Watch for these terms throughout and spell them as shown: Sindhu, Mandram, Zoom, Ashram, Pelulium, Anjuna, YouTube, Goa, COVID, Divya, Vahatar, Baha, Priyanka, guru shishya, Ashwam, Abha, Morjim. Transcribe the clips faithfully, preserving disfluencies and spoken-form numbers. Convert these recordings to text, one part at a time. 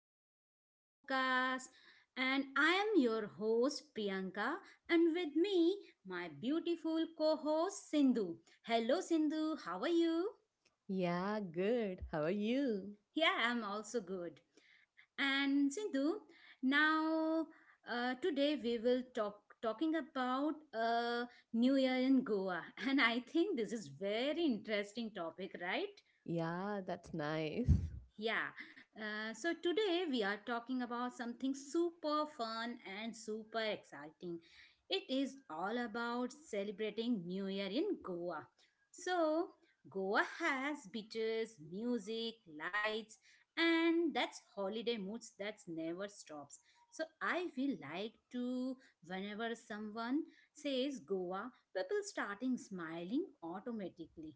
back to our podcast. And I am your host, Priyanka, and with me, my beautiful co host, Sindhu. Hello, Sindhu. How are you? Yeah, good. How are you? Yeah, I'm also good. And Sindhu, now uh, today we will talk talking about uh, new year in goa and I think this is very interesting topic right. Yeah, that's nice. Yeah, uh, so today we are talking about something super fun and super exciting. It is all about celebrating New Year in Goa. So, Goa has beaches, music, lights, and that's holiday moods that never stops. So, I feel like to whenever someone says Goa, people starting smiling automatically.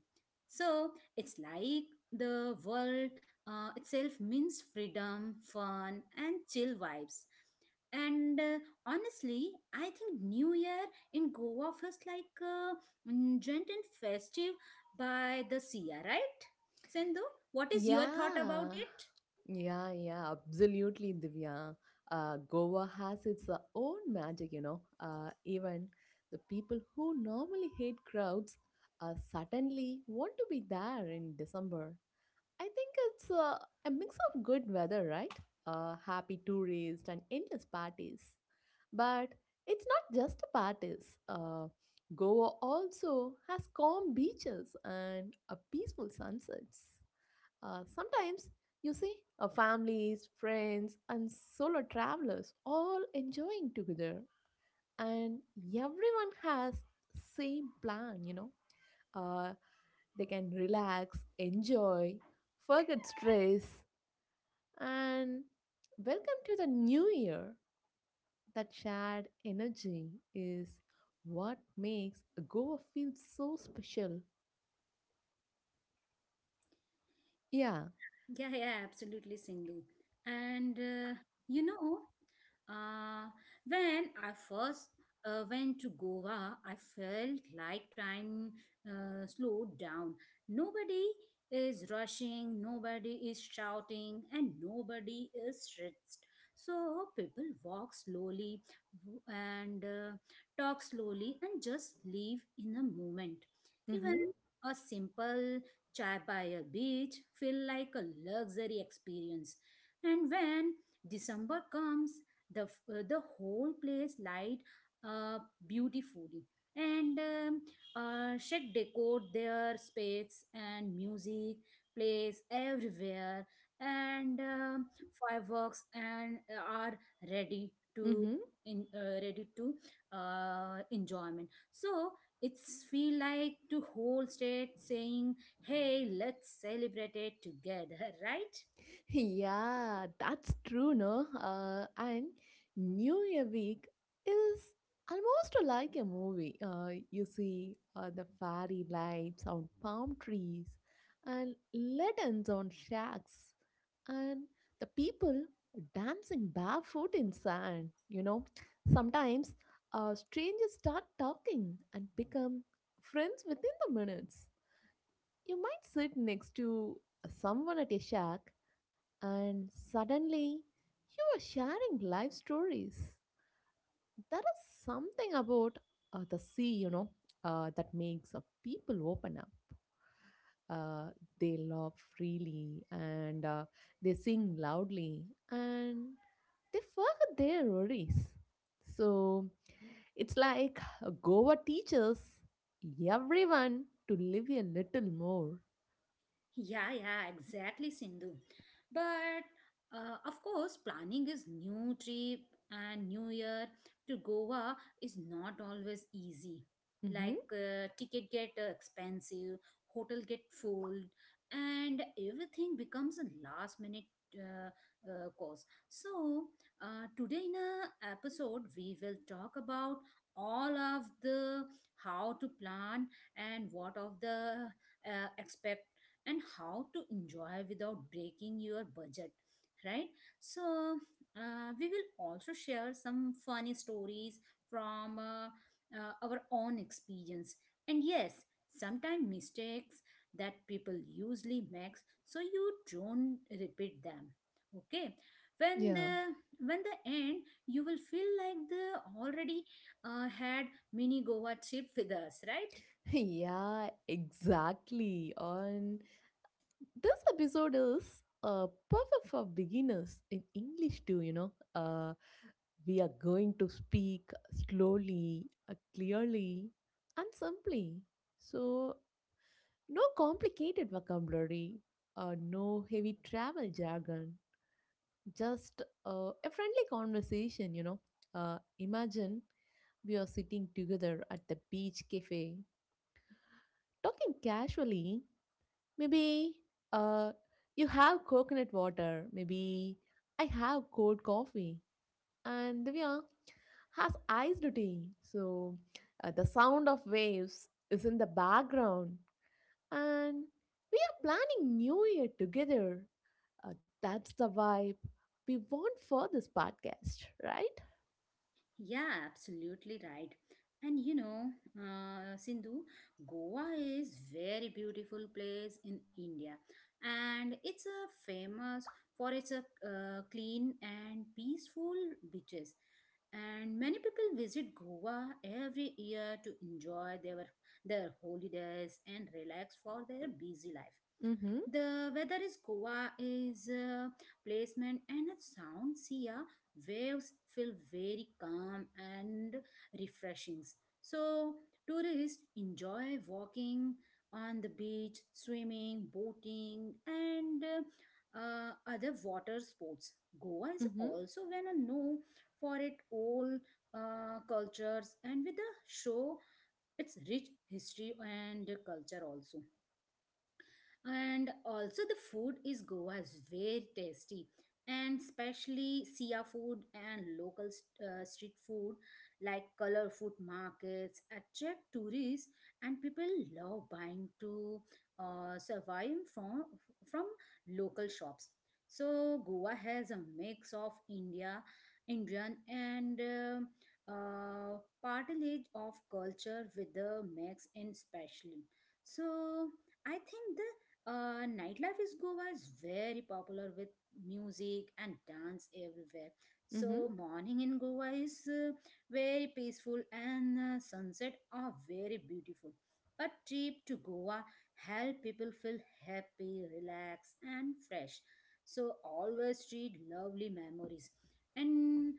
So, it's like the world uh, itself means freedom, fun, and chill vibes. And uh, honestly, I think New Year in Goa feels like uh, mm, gent and festive by the sea, right? Sindhu, what is your thought about Yeah, it? yeah, yeah, absolutely, Divya. Uh, Goa has its uh, own magic, you know. Uh, even the people who normally hate crowds uh, suddenly want to be there in December. I think it's uh, a mix of good weather, right? Uh, happy tourists and endless parties. But it's not just the parties. Uh, Goa also has calm beaches and a peaceful sunsets. Uh, sometimes you see uh, families, friends, and solo travelers all enjoying together, and everyone has same plan. You know, uh, they can relax, enjoy, forget stress, and welcome to the new year. That shared energy is what makes a Goa feel so special. Yeah. Yeah, yeah, absolutely, Sindhu. And uh, you know, uh, when I first uh, went to Goa, I felt like time uh, slowed down. Nobody is rushing, nobody is shouting, and nobody is stressed. So people walk slowly w- and uh, talk slowly and just live in a moment. Mm-hmm. Even a simple Chai by a beach feel like a luxury experience. And when December comes, the f- uh, the whole place light up beautifully. And um, uh, shed decorate their space and music plays everywhere, and um, fireworks and uh, are ready to Mm-hmm. in uh, ready to uh, enjoyment. So it's feel like to whole state saying, "Hey, let's celebrate it together," right? Yeah, that's true, no? Uh, and New Year week is almost like a movie. Uh, you see uh, the fairy lights on palm trees and lanterns on shacks and the people dancing barefoot in sand. You know, sometimes uh, strangers start talking and become friends within the minutes. You might sit next to someone at a shack and suddenly you are sharing life stories. There is something about uh, the sea, you know, uh, that makes uh, people open up. Uh, they laugh freely and uh, they sing loudly and they forget their worries. So it's like uh, Goa teaches everyone to live a little more. Yeah, yeah, exactly, Sindhu. But uh, of course, planning this new trip and new year to Goa is not always easy. hmm Like uh, ticket get uh, expensive, hotel get full, and everything becomes a last minute uh, uh, cost. So uh, today in a episode, we will talk about all of the how to plan and what of the uh, and how to enjoy without breaking your budget, right? So uh, we will also share some funny stories from uh, uh, our own experience, and yes, sometimes mistakes that people usually make, so you don't repeat them. Okay, when Yeah. the when the end, you will feel like the already uh, had mini goa trip with us, right? Yeah, exactly. On this episode is uh, perfect for beginners in English too, you know. Uh, we are going to speak slowly, uh, clearly, and simply. So, no complicated vocabulary, uh, no heavy travel jargon, just uh, a friendly conversation, you know. Uh, imagine we are sitting together at the beach cafe, talking casually. Maybe uh, you have coconut water. Maybe I have cold coffee. And Divya has iced tea. So uh, the sound of waves is in the background. And we are planning New Year together. Uh, that's the vibe we want for this podcast, right? Yeah, absolutely right. And you know, uh, Sindhu, Goa is very beautiful place in India, and it's a famous for its uh, uh, clean and peaceful beaches. And many people visit Goa every year to enjoy their their holidays and relax for their busy life. Mm-hmm. The weather is Goa is uh, placement and a sound sea waves feel very calm and refreshing. So, tourists enjoy walking on the beach, swimming, boating, and uh, uh, other water sports. Goa is Mm-hmm. also well known for its old uh, cultures and with the show its rich history and culture also, and also the food is goa's very tasty, and especially sia food and local uh, street food, like color food markets attract tourists and people love buying to uh, survive from from local shops. So goa has a mix of india indian and um uh, partilage of culture with the mix in special. So I think the uh, nightlife is Goa is very popular with music and dance everywhere. Mm-hmm. So morning in Goa is uh, very peaceful and uh, sunset are very beautiful. A trip to Goa help people feel happy, relaxed and fresh. So always treat lovely memories. And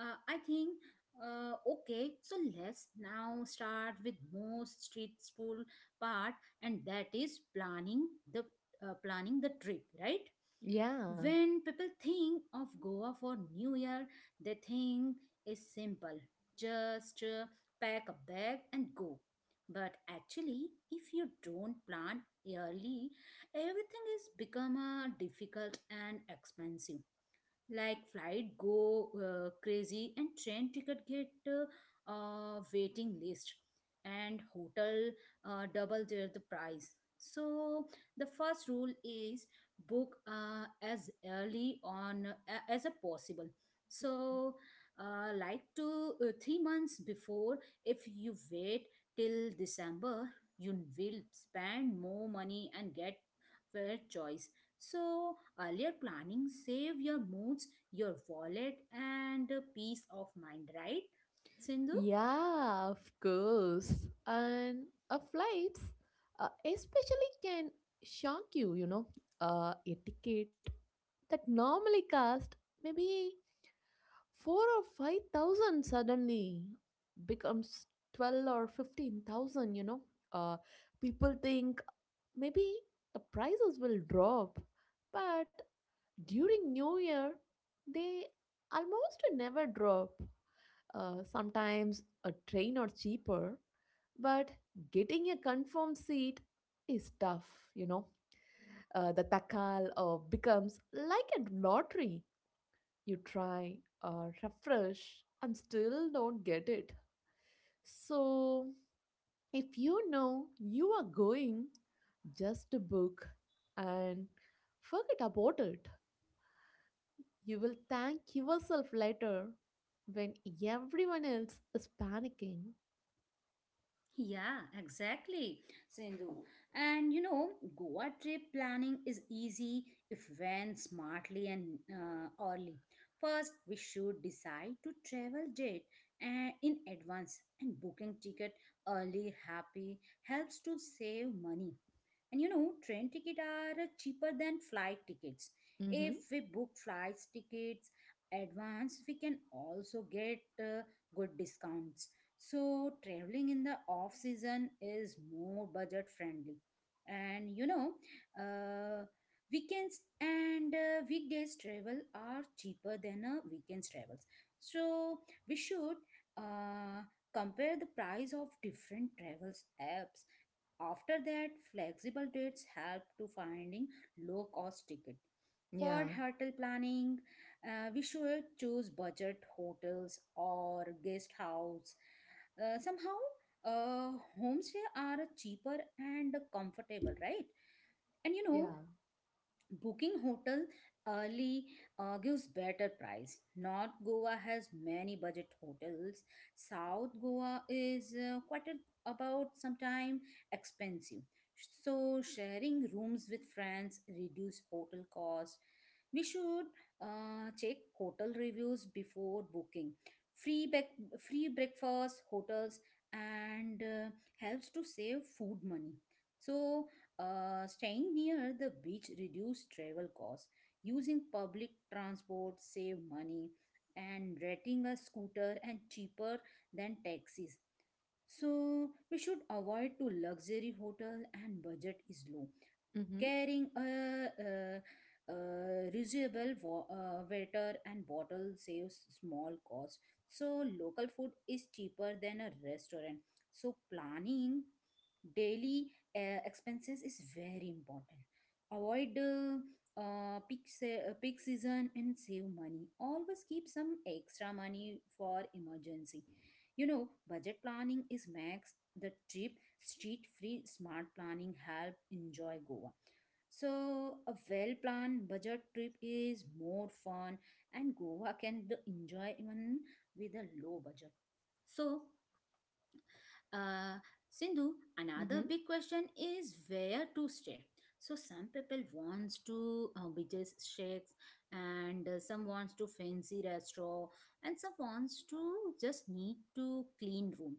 uh, I think uh, okay, so let's now start with most street food part, and that is planning the uh, planning the trip, right? Yeah. When people think of goa for new year, they think is simple, just uh, pack a bag and go. But actually, if you don't plan early, everything is become uh, difficult and expensive. Like flight go uh, crazy, and train ticket get uh, uh, waiting list, and hotel uh, double their the price. So the first rule is book uh, as early on uh, as a possible. So uh, like two uh, three months before. If you wait till december, you will spend more money and get fair choice. So, earlier planning save your moods, your wallet, and uh, peace of mind, right? Sindhu? Yeah, of course. And uh, flights, uh, especially, can shock you, you know, uh, etiquette that normally cost maybe four or five thousand suddenly becomes twelve or fifteen thousand, you know. Uh, people think maybe the prices will drop, but during New Year, they almost never drop. Uh, sometimes a train or cheaper, but getting a confirmed seat is tough, you know. Uh, the takal uh, becomes like a lottery. You try, uh, refresh, and still don't get it. So, if you know you are going, just book and forget about it. You will thank yourself later when everyone else is panicking. Yeah, exactly, Sindhu. And you know, Goa trip planning is easy if when smartly and uh, early. First, we should decide to travel date uh, in advance, and booking ticket early happy helps to save money. And you know, train tickets are uh, cheaper than flight tickets. If Mm-hmm. we book flight tickets advance, we can also get uh, good discounts. So traveling in the off season is more budget friendly. And you know, uh, weekends and uh, weekdays travel are cheaper than a weekends travels. So we should uh, compare the price of different travels apps. After that, flexible dates help to finding low cost ticket. For Yeah. hotel planning, uh, we should choose budget hotels or guest house. Uh, somehow, uh, homestay are cheaper and comfortable, right? And you know, Yeah. booking hotel early uh, gives better price. North Goa has many budget hotels. South Goa is uh, quite a- about sometime expensive. So sharing rooms with friends reduce hotel cost. We should uh, check hotel reviews before booking. Free bec- free breakfast hotels and uh, helps to save food money. So uh, staying near the beach reduce travel costs. Using public transport save money, and renting a scooter and cheaper than taxis. So we should avoid to luxury hotel and budget is low. Mm-hmm. Carrying a, a, a reusable wa- uh, water and bottle saves small cost. So local food is cheaper than a restaurant. So planning daily uh, expenses is very important. Avoid uh, uh, peak, se- uh, peak season and save money. Always keep some extra money for emergency. You know budget planning is max the trip. Street free smart planning help enjoy goa. So, a well planned budget trip is more fun, and Goa can d- enjoy even with a low budget. So, uh, Sindhu, another Mm-hmm. big question is where to stay. So some people wants to uh, beaches shakes, and uh, some wants to fancy restaurant, and some wants to just need to clean room.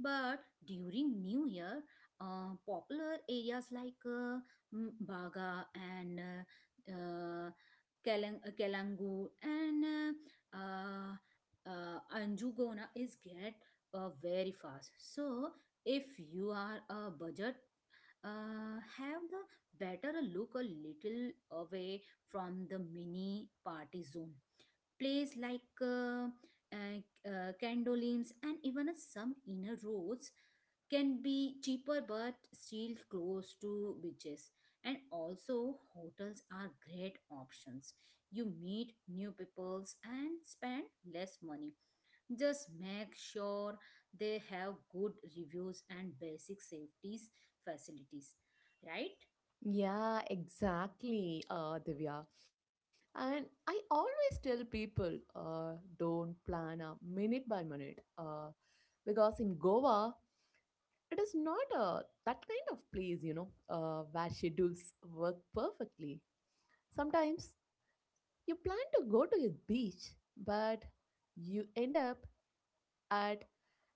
But during New Year, uh, popular areas like uh, mm, Baga and uh, uh, Kelang- uh, Kelangu and uh, uh, uh, Anjugona is get uh, very fast. So if you are a budget, uh, have the better look a little away from the mini party zone. Place like uh, uh, uh, candolims and even uh, some inner roads can be cheaper but still close to beaches. And also hotels are great options. You meet new peoples and spend less money. Just make sure they have good reviews and basic safety facilities, right? Yeah, exactly, uh, Divya. And I always tell people, uh, don't plan a minute by minute, uh, because in Goa, it is not a that kind of place, you know, uh, where schedules work perfectly. Sometimes you plan to go to a beach, but you end up at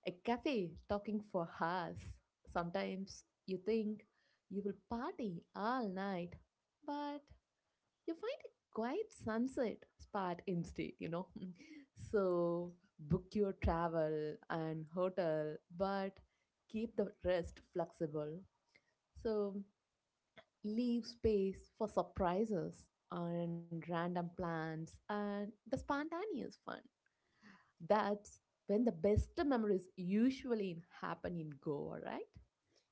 a cafe talking for hours. Sometimes you think you will party all night, but you find a quiet sunset spot instead, you know. So book your travel and hotel, but keep the rest flexible. So leave space for surprises and random plans and the spontaneous fun. That's when the best memories usually happen in Goa, right?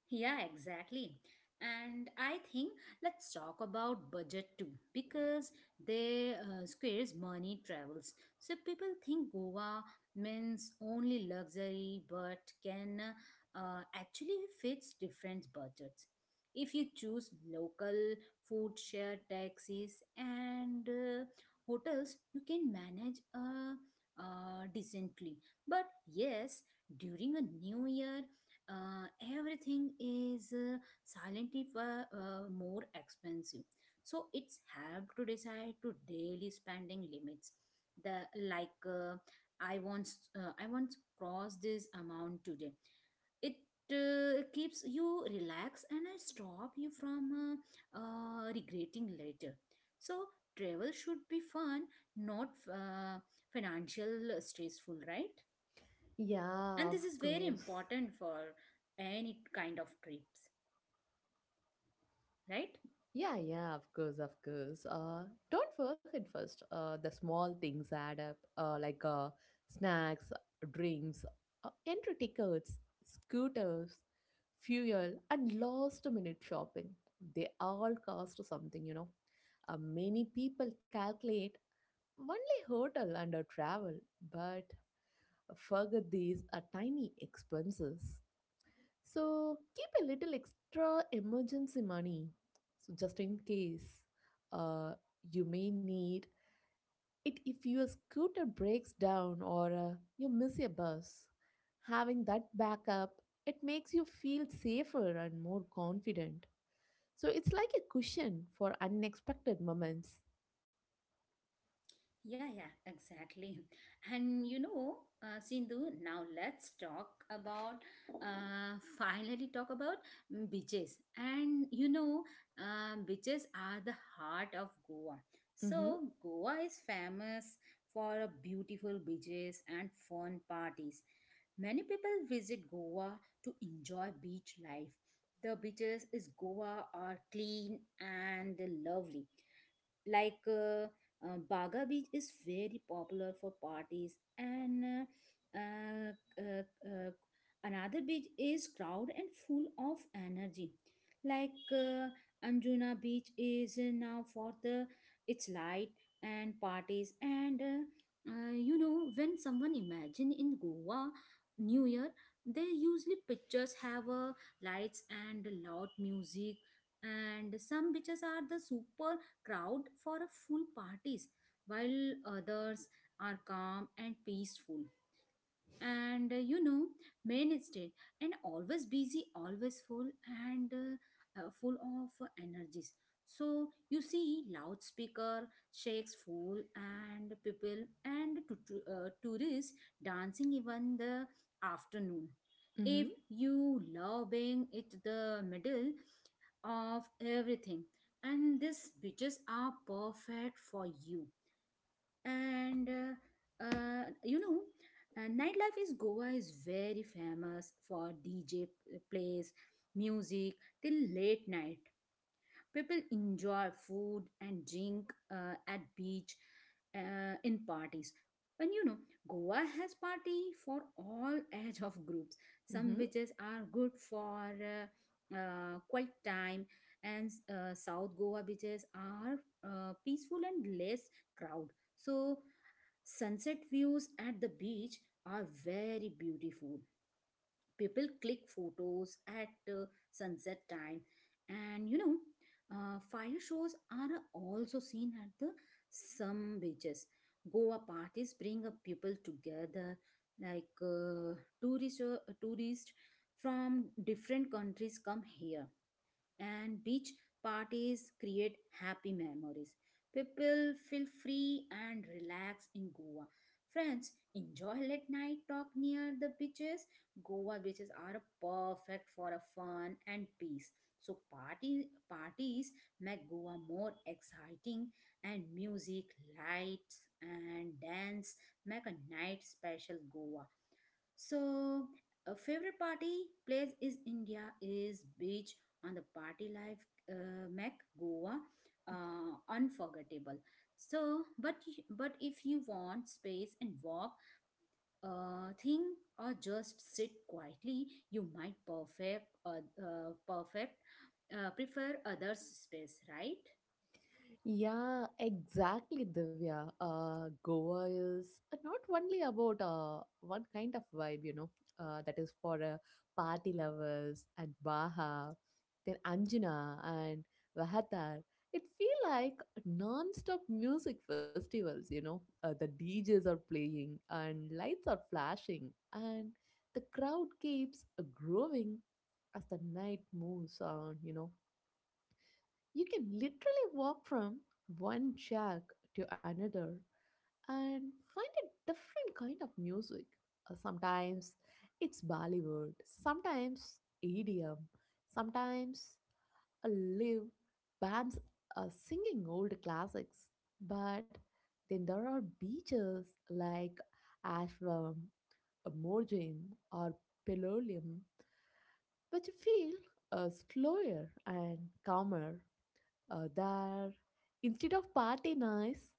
Yeah, exactly. And I think let's talk about budget too, because they uh, squares money travels. So people think Goa means only luxury, but can uh, actually fits different budgets. If you choose local food share taxis and uh, hotels, you can manage uh, uh, decently. But yes, during a new year uh, everything is uh, silently fa- uh, uh, more expensive. So it's help to decide to daily spending limits. The like uh, I once uh, I once crossed this amount today. It uh, keeps you relaxed and I stop you from uh, uh, regretting later. So travel should be fun, not uh, financial stressful, right? Yeah, And this of is very course. important for any kind of trips, right? Yeah, yeah, of course, of course. Uh, don't forget first. Uh, the small things add up. Uh, like uh, snacks, drinks, uh, entry tickets, scooters, fuel, and last-minute shopping. They all cost something, you know. Uh, many people calculate only hotel and uh, travel, but forget these are tiny expenses. So keep a little extra emergency money. So just in case uh, you may need it if your scooter breaks down or uh, you miss a bus. Having that backup, it makes you feel safer and more confident. So it's like a cushion for unexpected moments. Yeah, yeah, exactly. And you know, uh, Sindhu, now let's talk about, uh, finally talk about mm, beaches. And you know, um, beaches are the heart of Goa. Mhm, So, Goa is famous for a beautiful beaches and fun parties. Many people visit Goa to enjoy beach life. The beaches is Goa are clean and lovely, like uh, uh, Baga Beach is very popular for parties and uh, uh, uh, uh, another beach is crowded and full of energy. Like uh, Anjuna Beach is uh, now for the its light and parties. And uh, uh, you know, when someone imagine in Goa New Year, they usually pictures have uh, lights and loud music. And some beaches are the super crowd for a full parties, while others are calm and peaceful. And uh, you know, mainstay and always busy, always full, and uh, uh, full of energies. So you see loudspeaker shakes full and people, and to, to- uh, tourists dancing even the afternoon. If mhm, you love being it the middle of everything, and these beaches are perfect for you. And uh, uh, you know, uh, nightlife is goa is very famous for dj plays music till late night. People enjoy food and drink uh, at beach uh, in parties. And you know, goa has party for all age of groups. Some mhm. beaches are good for uh, uh, quiet time. And uh, south goa beaches are uh, peaceful and less crowd. So sunset views at the beach are very beautiful. People click photos at uh, sunset time, and you know, uh, fire shows are also seen at the some beaches. Goa parties bring up people together, like uh, tourist uh, tourists from different countries come here and beach parties create happy memories. People feel free and relaxed in Goa. Friends, enjoy late night talk near the beaches. Goa beaches are perfect for a fun and peace. So party parties make Goa more exciting and music, lights and dance make a night special Goa. So a favorite party place is India is beach on the party life uh, make Goa uh, unforgettable. So, but but if you want space and walk, uh, think or just sit quietly, you might perfect uh, uh, perfect uh, prefer others' space, right? Yeah, exactly, Divya. Uh, Goa is uh, not only about uh, one kind of vibe, you know, uh, that is for uh, party lovers and Baha, then Anjuna and Vahatar. It feel like non-stop music festivals, you know. Uh, the D Js are playing and lights are flashing and the crowd keeps uh, growing as the night moves on, you know. You can literally walk from one shack to another and find a different kind of music. Uh, Sometimes it's Bollywood, sometimes E D M, sometimes a live bands uh, singing old classics. But then there are beaches like Ashram, Morjim, or Pelulium, which feel uh, slower and calmer uh, there. Instead of party noise,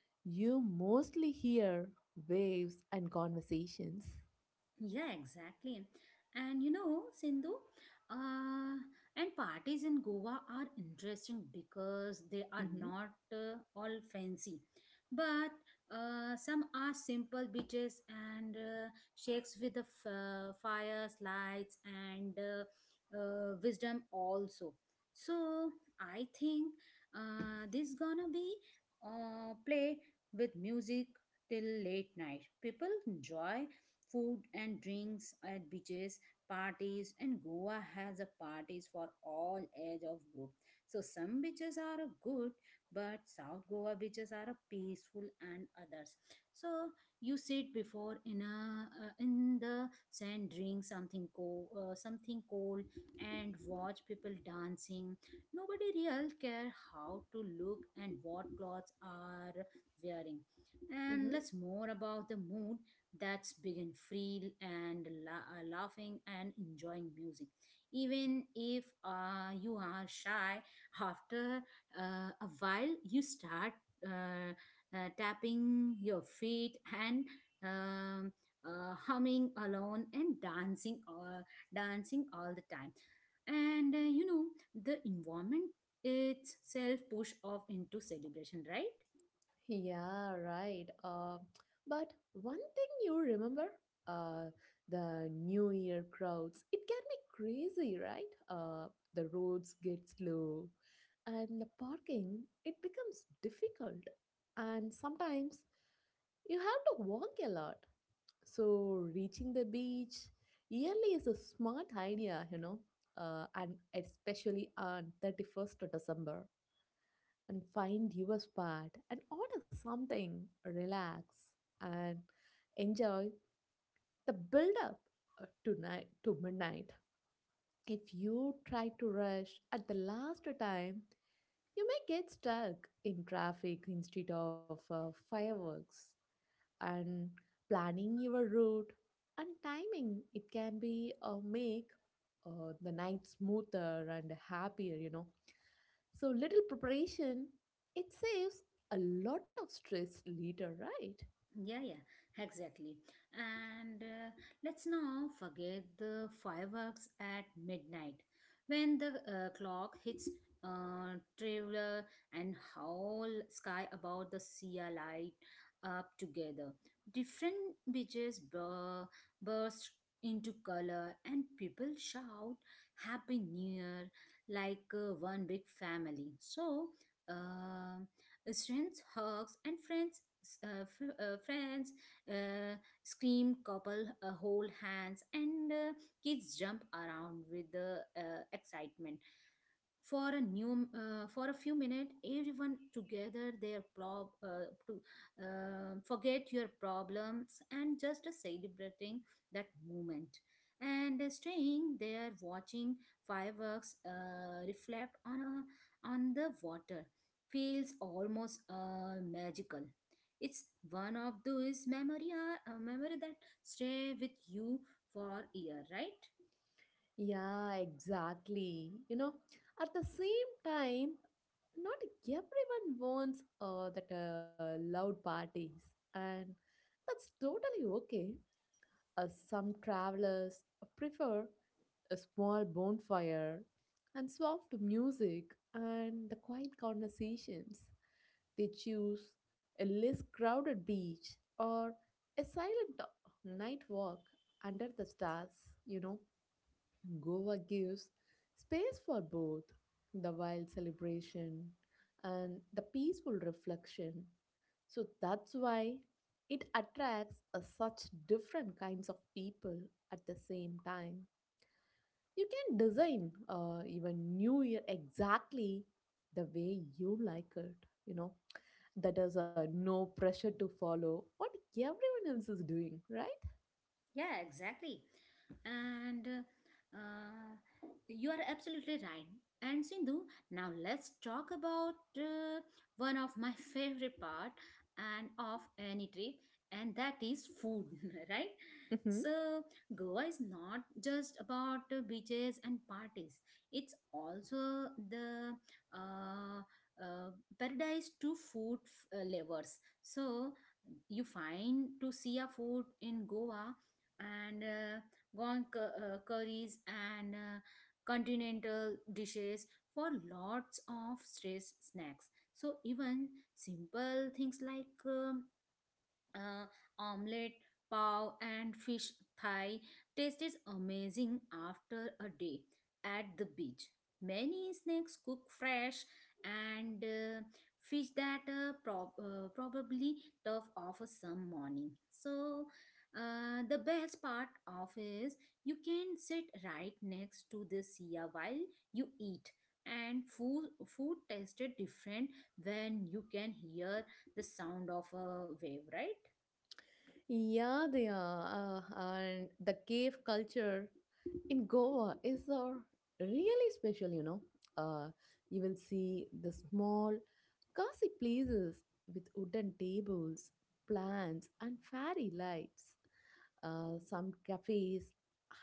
you mostly hear waves and conversations. Yeah, exactly. And you know, Sindhu, uh, and parties in Goa are interesting because they are hmm not uh, all fancy, but uh, some are simple beaches and uh, shakes with the f- uh, fires, lights, and uh, uh, wisdom also. So I think uh, this gonna be uh, play with music till late night. People enjoy food and drinks at beaches parties and goa has a parties for all age of group, so some beaches are a good, but south goa beaches are a peaceful and others. So you sit before in a uh, in the sand, drink something cold uh, something cold and watch people dancing. Nobody real care how to look and what clothes are wearing, Mm-hmm. and let's more about the mood. That's big and free and la- uh, laughing and enjoying music. Even if uh, you are shy, after uh, a while you start uh, uh, tapping your feet and um, uh, humming alone and dancing uh, dancing all the time, and uh, you know, the environment itself push off into celebration, right? Yeah, right. Uh, but one thing you remember, uh, the New Year crowds, it can be crazy, right? Uh, the roads get slow and the parking, it becomes difficult. And sometimes you have to walk a lot. So, reaching the beach early is a smart idea, you know, uh, and especially on thirty-first of December. And find your spot and order something, relax, and enjoy the build up uh, tonight to midnight. If you try to rush at the last time, you may get stuck in traffic instead of uh, fireworks. And planning your route and timing it can be uh, make uh, the night smoother and happier, you know. So little preparation, it saves a lot of stress later, right? Yeah, yeah, exactly. And uh, let's now forget the fireworks at midnight when the uh, clock hits uh, traveler and whole sky about the sea are light up together. Different beaches bur- burst into color and people shout happy new year like uh, one big family. So, uh, students, hugs, and friends s- uh, fr- uh, friends uh, scream, couple uh, hold hands, and uh, kids jump around with the uh, excitement for a new uh, for a few minutes everyone together their prob uh, to uh, forget your problems and just celebrating that moment, and staying there watching fireworks uh, reflect on a, on the water feels almost uh, magical. It's one of those memory uh, memory that stay with you for a year, right? Yeah, exactly. You know, at the same time, not everyone wants uh, that uh, loud parties and that's totally okay. Uh, some travelers prefer a small bonfire and soft music and the quiet conversations. They choose a less crowded beach or a silent uh, night walk under the stars, you know. Goa gives space for both the wild celebration and the peaceful reflection. So that's why it attracts a such different kinds of people at the same time. You can design uh, even New Year exactly the way you like it. You know, that is a no pressure to follow what everyone else is doing, right? Yeah, exactly. And uh, uh, you are absolutely right. And Sindhu, now let's talk about uh, one of my favorite part and of any trip, and that is food, right? So Goa is not just about uh, beaches and parties. It's also the uh, uh, paradise to food f- uh, lovers. So you find to see a food in Goa and uh, gone cu- uh, curries and uh, continental dishes for lots of stress snacks. So even simple things like um, uh, omelette, pav, and fish thigh taste is amazing after a day at the beach. Many snacks cook fresh and uh, fish that uh, prob- uh, probably tough off some morning. So uh, the best part of is you can sit right next to the sea while you eat, and food food tasted different when you can hear the sound of a wave, right? Yeah, they are. Uh, and the cave culture in Goa is uh, really special, you know. Uh, you will see the small, cozy places with wooden tables, plants, and fairy lights. Uh, some cafes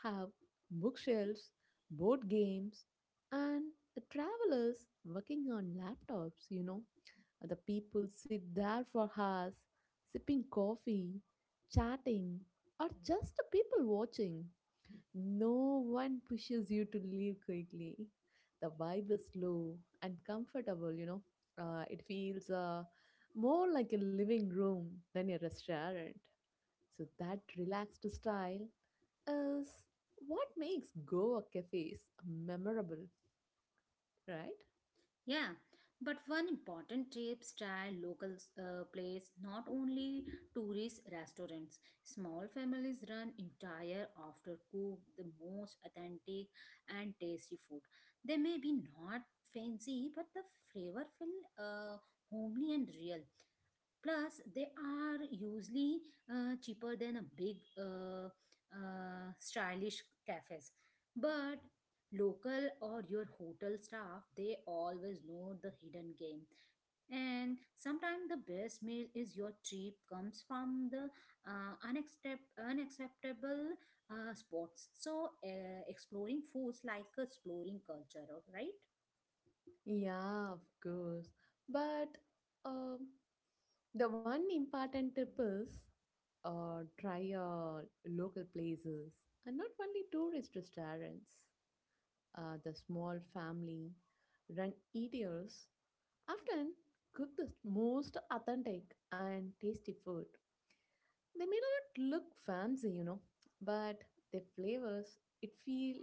have bookshelves, board games, and the travelers working on laptops, you know. The people sit there for hours sipping coffee, chatting, or just people watching. No one pushes you to leave quickly. The vibe is slow and comfortable, you know. Uh, it feels uh, more like a living room than a restaurant. So, that relaxed style is what makes Goa cafes memorable, right? Yeah, but one important tip, try local uh, place, not only tourist restaurants. Small families run entire after cook the most authentic and tasty food. They may be not fancy, but the flavor feel uh, homely and real. Plus, they are usually uh, cheaper than a big, uh, uh, stylish cafes. But local or your hotel staff, they always know the hidden game. And sometimes the best meal is your trip comes from the uh, unaccept- unacceptable uh, spots. So uh, exploring foods like exploring culture, right? Yeah, of course. But um, the one important tip is uh, try uh, local places and not only tourist restaurants. Uh, the small family run eaters often cook the most authentic and tasty food. They may not look fancy, you know, but their flavors it feel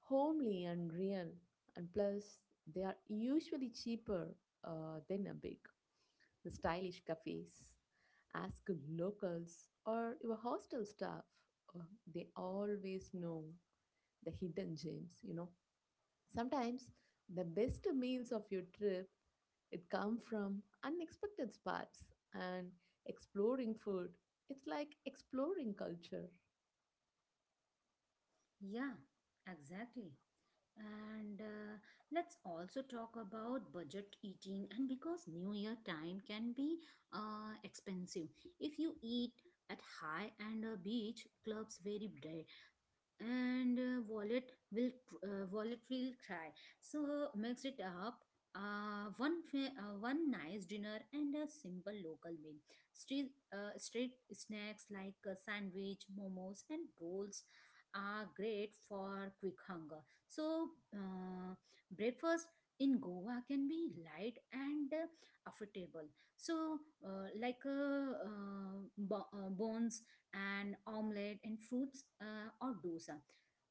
homely and real, and plus, they are usually cheaper uh, than a big, the stylish cafes. Ask locals or your hostel staff, uh, they always know the hidden gems, you know. Sometimes the best meals of your trip it come from unexpected spots and exploring food. It's like exploring culture. Yeah, exactly. And uh, let's also talk about budget eating. And because New Year time can be uh, expensive, if you eat at high and uh, beach clubs very and uh, wallet will cr- uh, wallet will cry. So mix it up, uh, one fa- uh, one nice dinner and a simple local meal, street uh, street snacks like uh, sandwich momos and rolls are great for quick hunger. So uh, breakfast in goa can be light and uh, affordable. So uh, like uh, uh, bo- uh, bones and omelette and fruits uh, or dosa,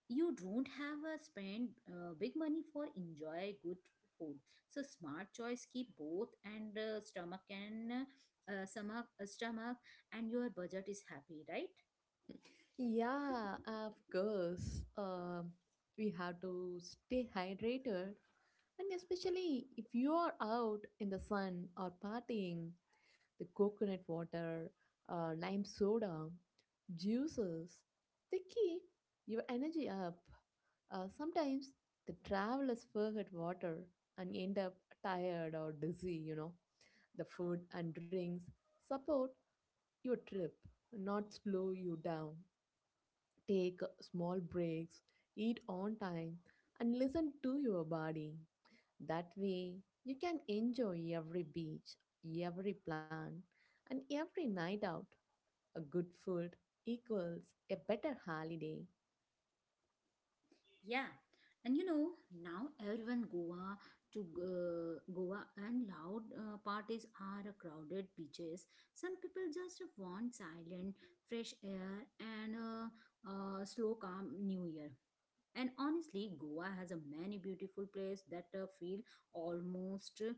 you don't have a spend uh, big money for enjoy good food. So smart choice keep both and uh, stomach and uh, stomach uh, stomach and your budget is happy, right? Yeah, of course. Um, we have to stay hydrated, and especially if you are out in the sun or partying, the coconut water, uh, lime soda, juices, they keep your energy up. Uh, sometimes the travelers forget water and end up tired or dizzy, you know. The food and drinks support your trip, not slow you down. Take small breaks, eat on time, and listen to your body. That way, you can enjoy every beach, every plant, and every night out. A good food equals a better holiday. Yeah, and you know, now everyone goa to uh, goa and loud uh, parties are crowded beaches, some people just want silent fresh air and uh, uh, slow calm new year. And honestly, Goa has a many beautiful place that uh, feel almost uh,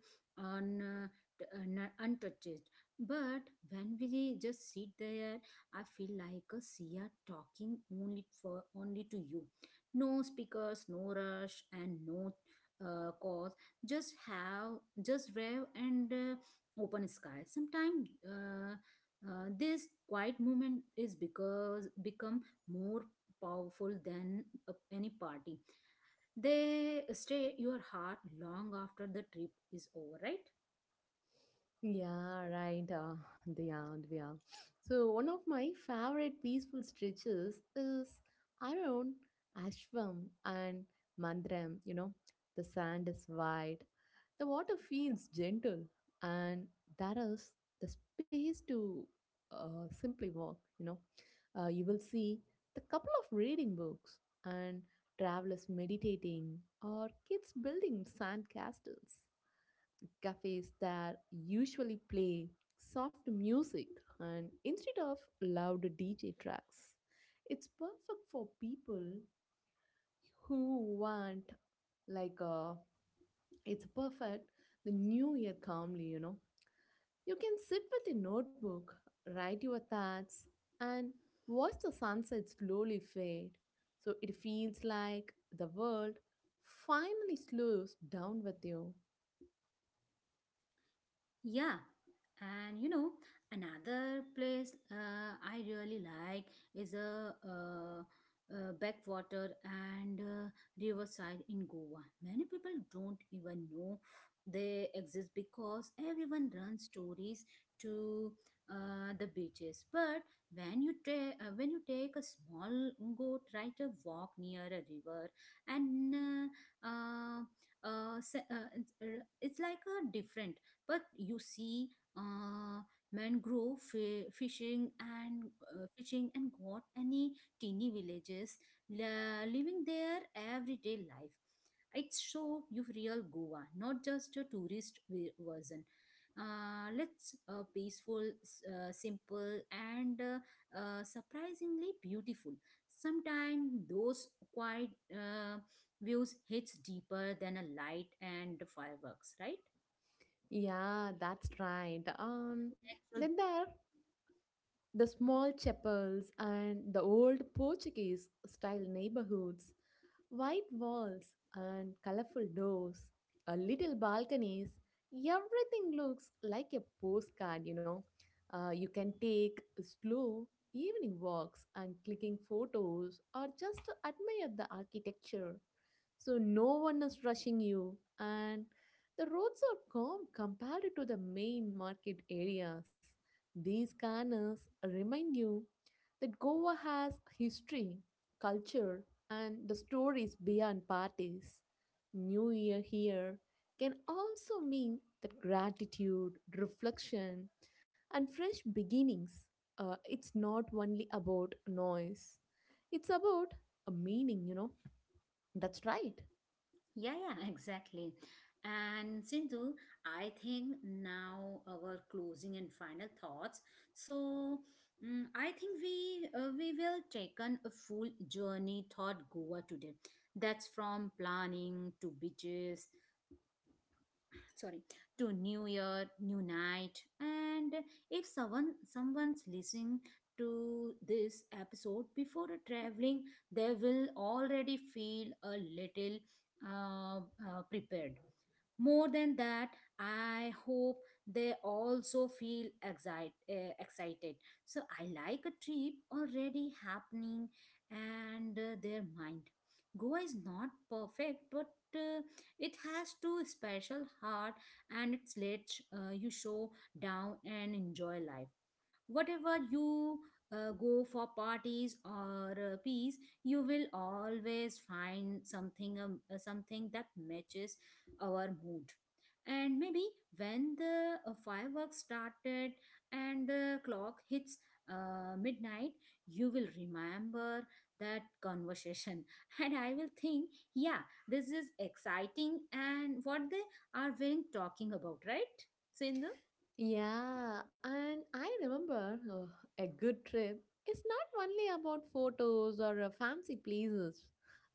un, uh, t- un- uh, untouched. But when we just sit there, I feel like a Sia talking only for only to you. No speakers, no rush, and no uh, cause. Just have just rev and uh, open sky. Sometimes. Uh, uh, this quiet moment is because become more powerful than uh, any party. They stay your heart long after the trip is over, right? Yeah, right. Uh, yeah, yeah. So one of my favorite peaceful stretches is around Ashwam and Mandram. You know, the sand is white, the water feels gentle, and there is the space to uh, simply walk. You know, uh, you will see the couple of reading books and travelers meditating or kids building sand castles, cafes that usually play soft music and instead of loud D J tracks. It's perfect for people who want like uh it's perfect the new year calmly, you know. You can sit with a notebook, write your thoughts and watch the sunset slowly fade. So it feels like the world finally slows down with you. Yeah, and you know, another place uh, I really like is a uh, uh, backwater and uh, riverside in Goa. Many people don't even know they exist because everyone runs stories to uh, the beaches. But when you ta- uh, when you take a small boat, right, a walk near a river, and uh, uh, uh, se- uh, it's uh, it's like a different, but you see uh, mangrove fi- fishing and uh, fishing and got any teeny villages la- living their everyday life. It's show you real goa, not just a tourist ve- version, uh, let's uh, peaceful s- uh, simple and uh, uh, surprisingly beautiful. Sometimes those quiet uh, views hits deeper than a light and fireworks, right? Yeah, that's right. Um, then there are the small chapels and the old Portuguese style neighborhoods, white walls and colorful doors, a little balconies. Everything looks like a postcard, you know. Uh, you can take slow evening walks and clicking photos or just admire the architecture, so no one is rushing you and the roads are calm compared to the main market areas. These corners remind you that Goa has history, culture and the stories beyond parties. New year here can also mean that gratitude, reflection and fresh beginnings. Uh, it's not only about noise, it's about a meaning, you know. That's right. Yeah, yeah, exactly. And Sindhu, I think now our closing and final thoughts. So, mm, I think we uh, we will take on a full journey thought Goa today. That's from planning to beaches, sorry, to new year new night. And if someone someone's listening to this episode before traveling, they will already feel a little uh, uh, prepared. More than that, I hope they also feel excite, uh, excited, so I like a trip already happening and uh, their mind. Goa is not perfect, but uh, it has to special heart, and it's let uh, you show down and enjoy life whatever you uh, go for parties or uh, peace. You will افغانستان always د find ځمکنی شکل something um, uh, کوربه something that matches our دی. mood. And maybe when the uh, fireworks started and the clock hits uh, midnight, you will remember that conversation and I will think, yeah, this is exciting and what they are wearing talking about, right, Sindhu? Yeah, and I remember uh, a good trip is not only about photos or uh, fancy places.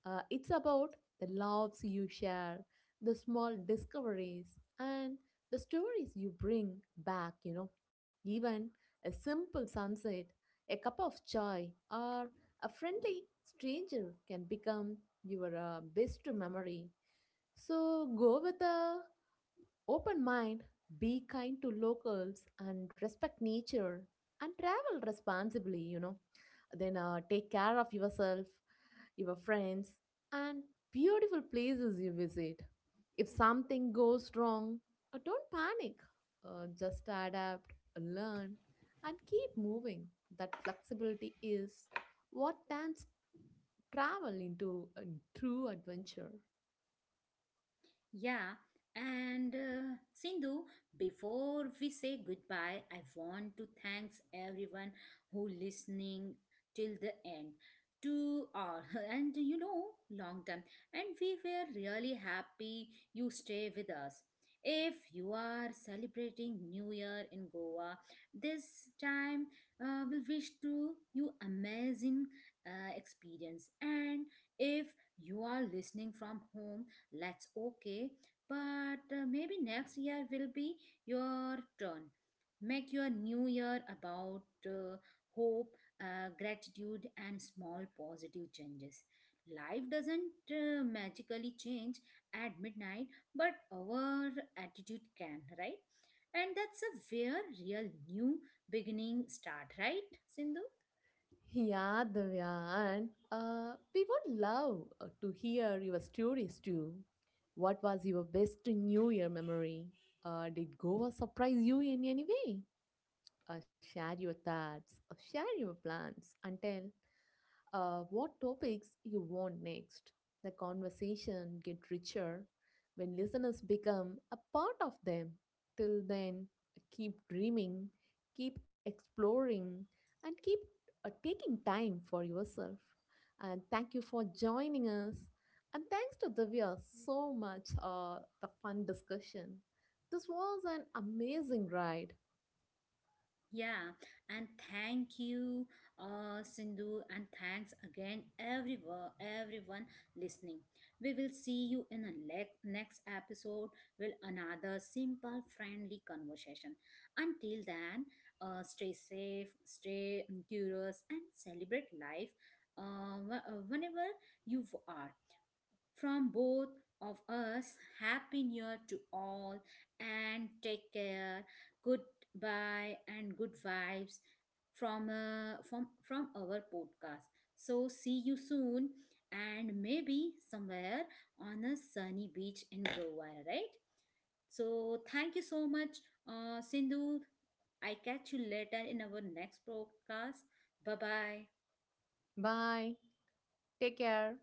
Uh, it's about the loves you share, the small discoveries, and the stories you bring back, you know. Even a simple sunset, a cup of chai, or a friendly stranger can become your uh, best memory. So go with a open mind, be kind to locals and respect nature, and travel responsibly, you know. Then uh, take care of yourself, your friends, and beautiful places you visit. If something goes wrong, uh, don't panic. Uh, just adapt, learn, and keep moving. That flexibility is what turns travel into a true adventure. Yeah, and uh, Sindhu, before we say goodbye, I want to thanks everyone who listening till the end. To all, and you know, long time, and we were really happy you stay with us. If you are celebrating New Year in Goa, this time uh, will wish to you amazing uh, experience. And if you are listening from home, that's okay, but uh, maybe next year will be your turn. Make your new year about uh, hope, uh, gratitude, and small positive changes. Life doesn't uh, magically change at midnight, but our attitude can, right? And that's a where real new beginning start, right, Sindhu? Yeah, Divya, and uh, we would love uh, to hear your stories too. What was your best New Year memory? Uh, did Goa surprise you in any way? Uh, share your thoughts, uh, share your plans, and tell uh, what topics you want next. The conversation get richer when listeners become a part of them. Till then, keep dreaming, keep exploring, and keep uh, taking time for yourself. And thank you for joining us. And thanks to Divya so much uh, the fun discussion. This was an amazing ride. Yeah, and thank you, uh, Sindhu, and thanks again, everyone, everyone listening. We will see you in the le- next episode with another simple, friendly conversation. Until then, uh, stay safe, stay curious, and celebrate life uh, wh- uh, whenever you are. From both of us, Happy New Year to all, and take care. Goodbye and good vibes from uh, from from our podcast. So see you soon, and maybe somewhere on a sunny beach in Goa, right? So thank you so much, uh, Sindhu. I catch you later in our next podcast. Bye bye. Bye. Take care.